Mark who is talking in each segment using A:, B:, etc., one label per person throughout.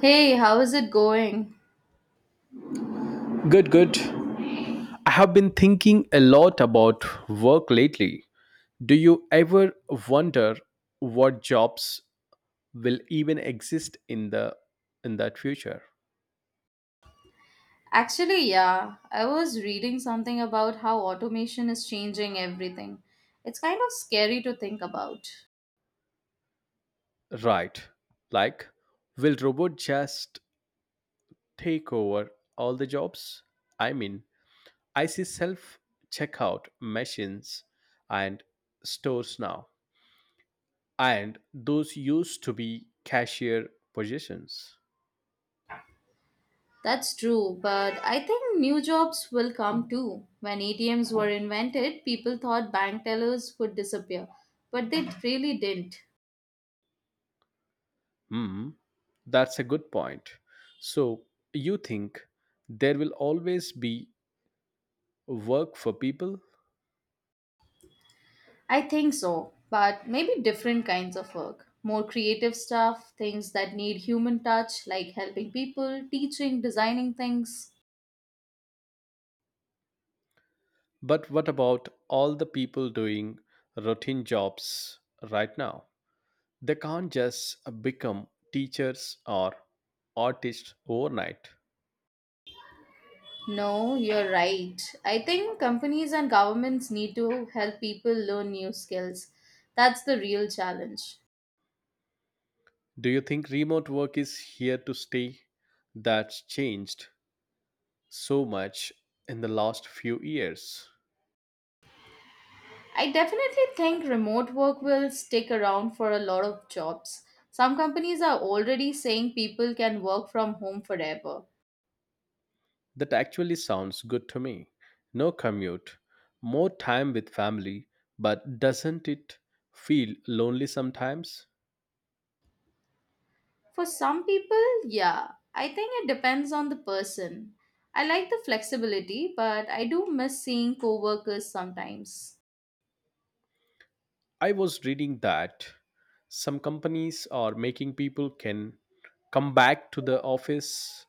A: Hey, how is it going?
B: Good, good. I have been thinking a lot about work lately. Do you ever wonder what jobs will even exist in the in that future?
A: Actually, yeah, I was reading something about how automation is changing everything. It's kind of scary to think about.
B: Right. Like will robot just take over all the jobs? I mean, I see self checkout machines and stores now, and those used to be cashier positions.
A: That's true, but I think new jobs will come too. When ATMs were invented, people thought bank tellers would disappear, but they really didn't.
B: Hmm. That's a good point. So, you think there will always be work for people?
A: I think so, but maybe different kinds of work. More creative stuff, things that need human touch, like helping people, teaching, designing things.
B: But what about all the people doing routine jobs right now? They can't just become teachers or artists overnight.
A: No, you're right. I think companies and governments need to help people learn new skills. That's the real challenge.
B: Do you think remote work is here to stay? That's changed so much in the last few years.
A: I definitely think remote work will stick around for a lot of jobs. Some companies are already saying people can work from home forever.
B: That actually sounds good to me. No commute, more time with family, but doesn't it feel lonely sometimes?
A: For some people, yeah. I think it depends on the person. I like the flexibility, but I do miss seeing coworkers sometimes.
B: I was reading that some companies are making people can come back to the office.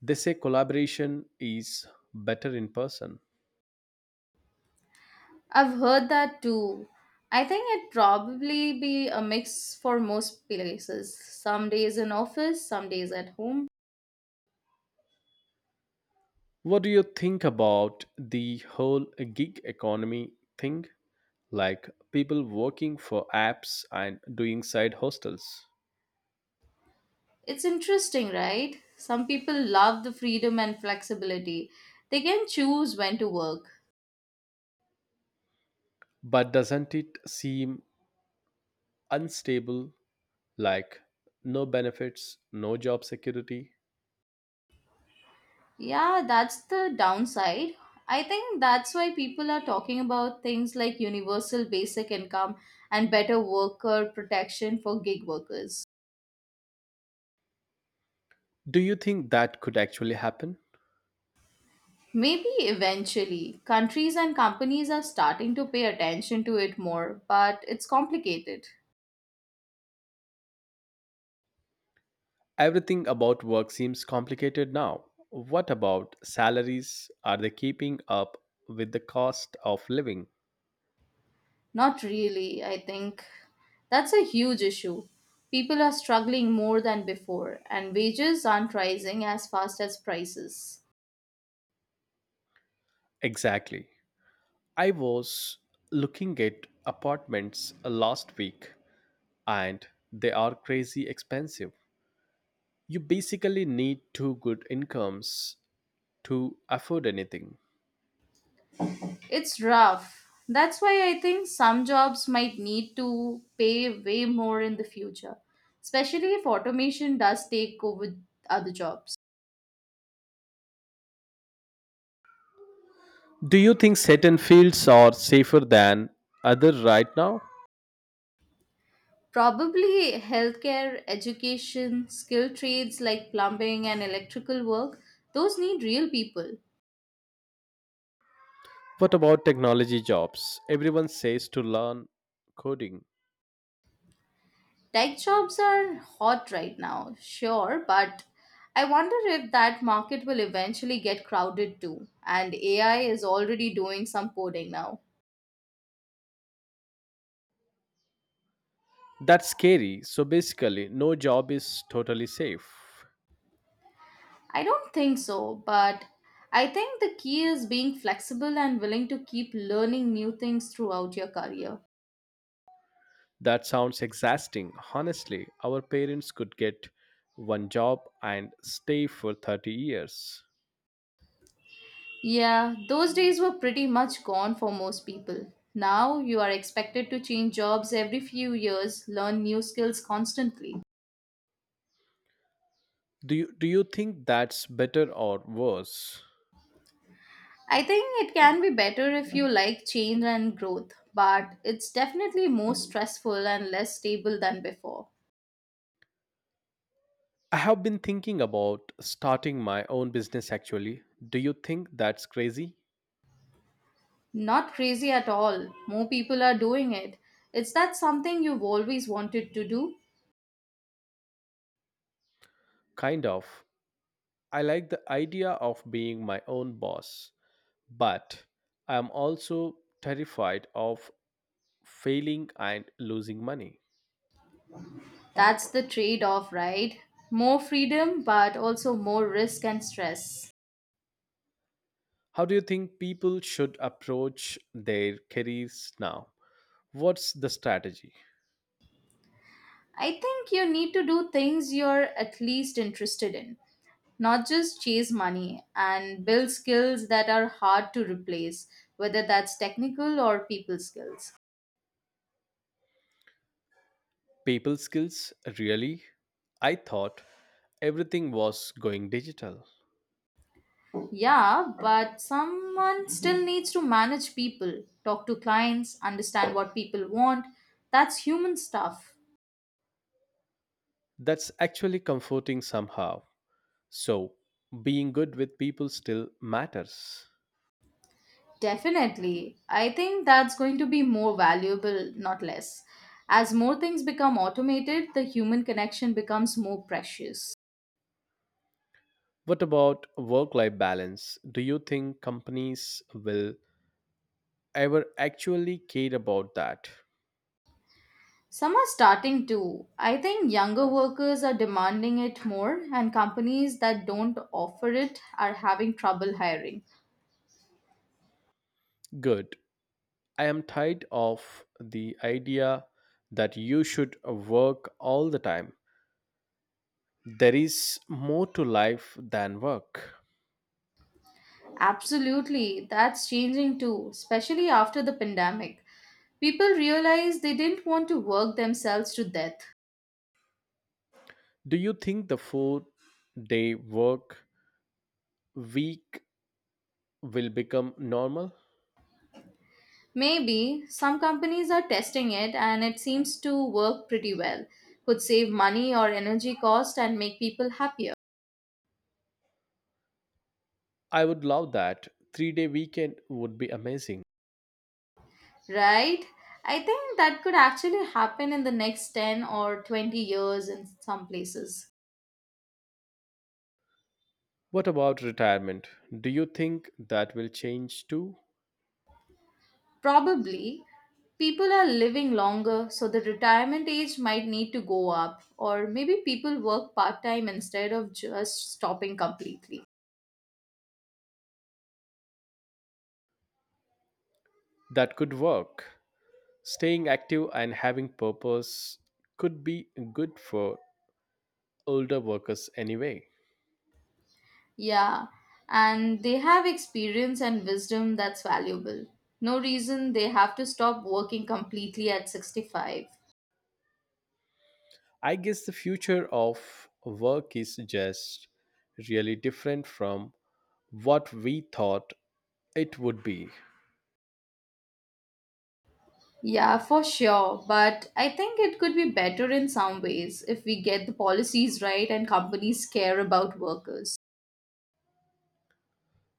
B: They say collaboration is better in person.
A: I've heard that too. I think it'd probably be a mix for most places. Some days in office, some days at home.
B: What do you think about the whole gig economy thing? Like people working for apps and doing side hostels?
A: It's interesting, right? Some people love the freedom and flexibility. They can choose when to work.
B: But doesn't it seem unstable, like no benefits, no job security?
A: Yeah, that's the downside. I think that's why people are talking about things like universal basic income and better worker protection for gig workers.
B: Do you think that could actually happen?
A: Maybe eventually, countries and companies are starting to pay attention to it more, but it's complicated.
B: Everything about work seems complicated now. What about salaries? Are they keeping up with the cost of living?
A: Not really, I think. That's a huge issue. People are struggling more than before, and wages aren't rising as fast as prices.
B: Exactly. I was looking at apartments last week, and they are crazy expensive. You basically need two good incomes to afford anything.
A: It's rough. That's why I think some jobs might need to pay way more in the future, especially if automation does take over other jobs.
B: Do you think certain fields are safer than others right now?
A: Probably healthcare, education, skilled trades like plumbing and electrical work, those need real people.
B: What about technology jobs? Everyone says to learn coding.
A: Tech jobs are hot right now, sure, but I wonder if that market will eventually get crowded too. And AI is already doing some coding now.
B: That's scary. So basically, no job is totally safe.
A: I don't think so, but I think the key is being flexible and willing to keep learning new things throughout your career.
B: That sounds exhausting. Honestly, our parents could get one job and stay for 30 years.
A: Yeah, those days were pretty much gone for most people. Now you are expected to change jobs every few years, learn new skills constantly.
B: Do you think that's better or worse?
A: I think it can be better if you like change and growth, but it's definitely more stressful and less stable than before.
B: I have been thinking about starting my own business actually. Do you think that's crazy?
A: Not crazy at all. More people are doing it. Is that something you've always wanted to do?
B: Kind of. I like the idea of being my own boss, but I am also terrified of failing and losing money.
A: That's the trade off, right? More freedom, but also more risk and stress.
B: How do you think people should approach their careers now? What's the strategy?
A: I think you need to do things you're at least interested in, not just chase money and build skills that are hard to replace, whether that's technical or people skills.
B: People skills, really? I thought everything was going digital.
A: Yeah, but someone still needs to manage people, talk to clients, understand what people want. That's human stuff.
B: That's actually comforting somehow. So, being good with people still matters.
A: Definitely. I think that's going to be more valuable, not less. As more things become automated, the human connection becomes more precious.
B: What about work life balance? Do you think companies will ever actually care about that?
A: Some are starting to. I think younger workers are demanding it more, and companies that don't offer it are having trouble hiring.
B: Good. I am tired of the idea that you should work all the time. There is more to life than work.
A: Absolutely, that's changing too, especially after the pandemic. People realize they didn't want to work themselves to death.
B: Do you think the 4-day work week will become normal?
A: Maybe some companies are testing it and it seems to work pretty well. Could save money or energy cost and make people happier.
B: I would love that. 3-day weekend would be amazing.
A: Right? I think that could actually happen in the next 10 or 20 years in some places.
B: What about retirement? Do you think that will change too?
A: Probably, people are living longer, so the retirement age might need to go up, or maybe people work part time instead of just stopping completely.
B: That could work. Staying active and having purpose could be good for older workers anyway.
A: Yeah, and they have experience and wisdom that's valuable. No reason they have to stop working completely at 65.
B: I guess the future of work is just really different from what we thought it would be.
A: Yeah, for sure. But I think it could be better in some ways if we get the policies right and companies care about workers.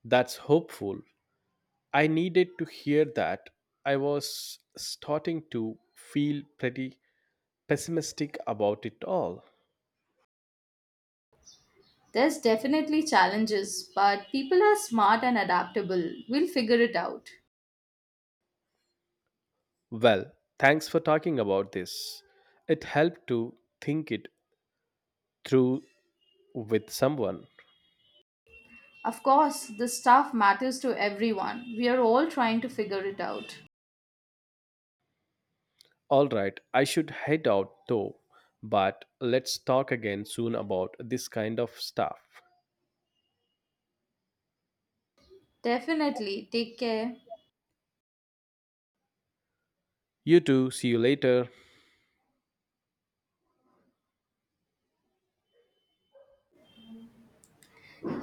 B: That's hopeful. I needed to hear that. I was starting to feel pretty pessimistic about it all.
A: There's definitely challenges, but people are smart and adaptable. We'll figure it out.
B: Well, thanks for talking about this. It helped to think it through with someone.
A: Of course, the stuff matters to everyone. We are all trying to figure it out.
B: All right, I should head out though, but let's talk again soon about this kind of stuff.
A: Definitely. Take care.
B: You too, see you later.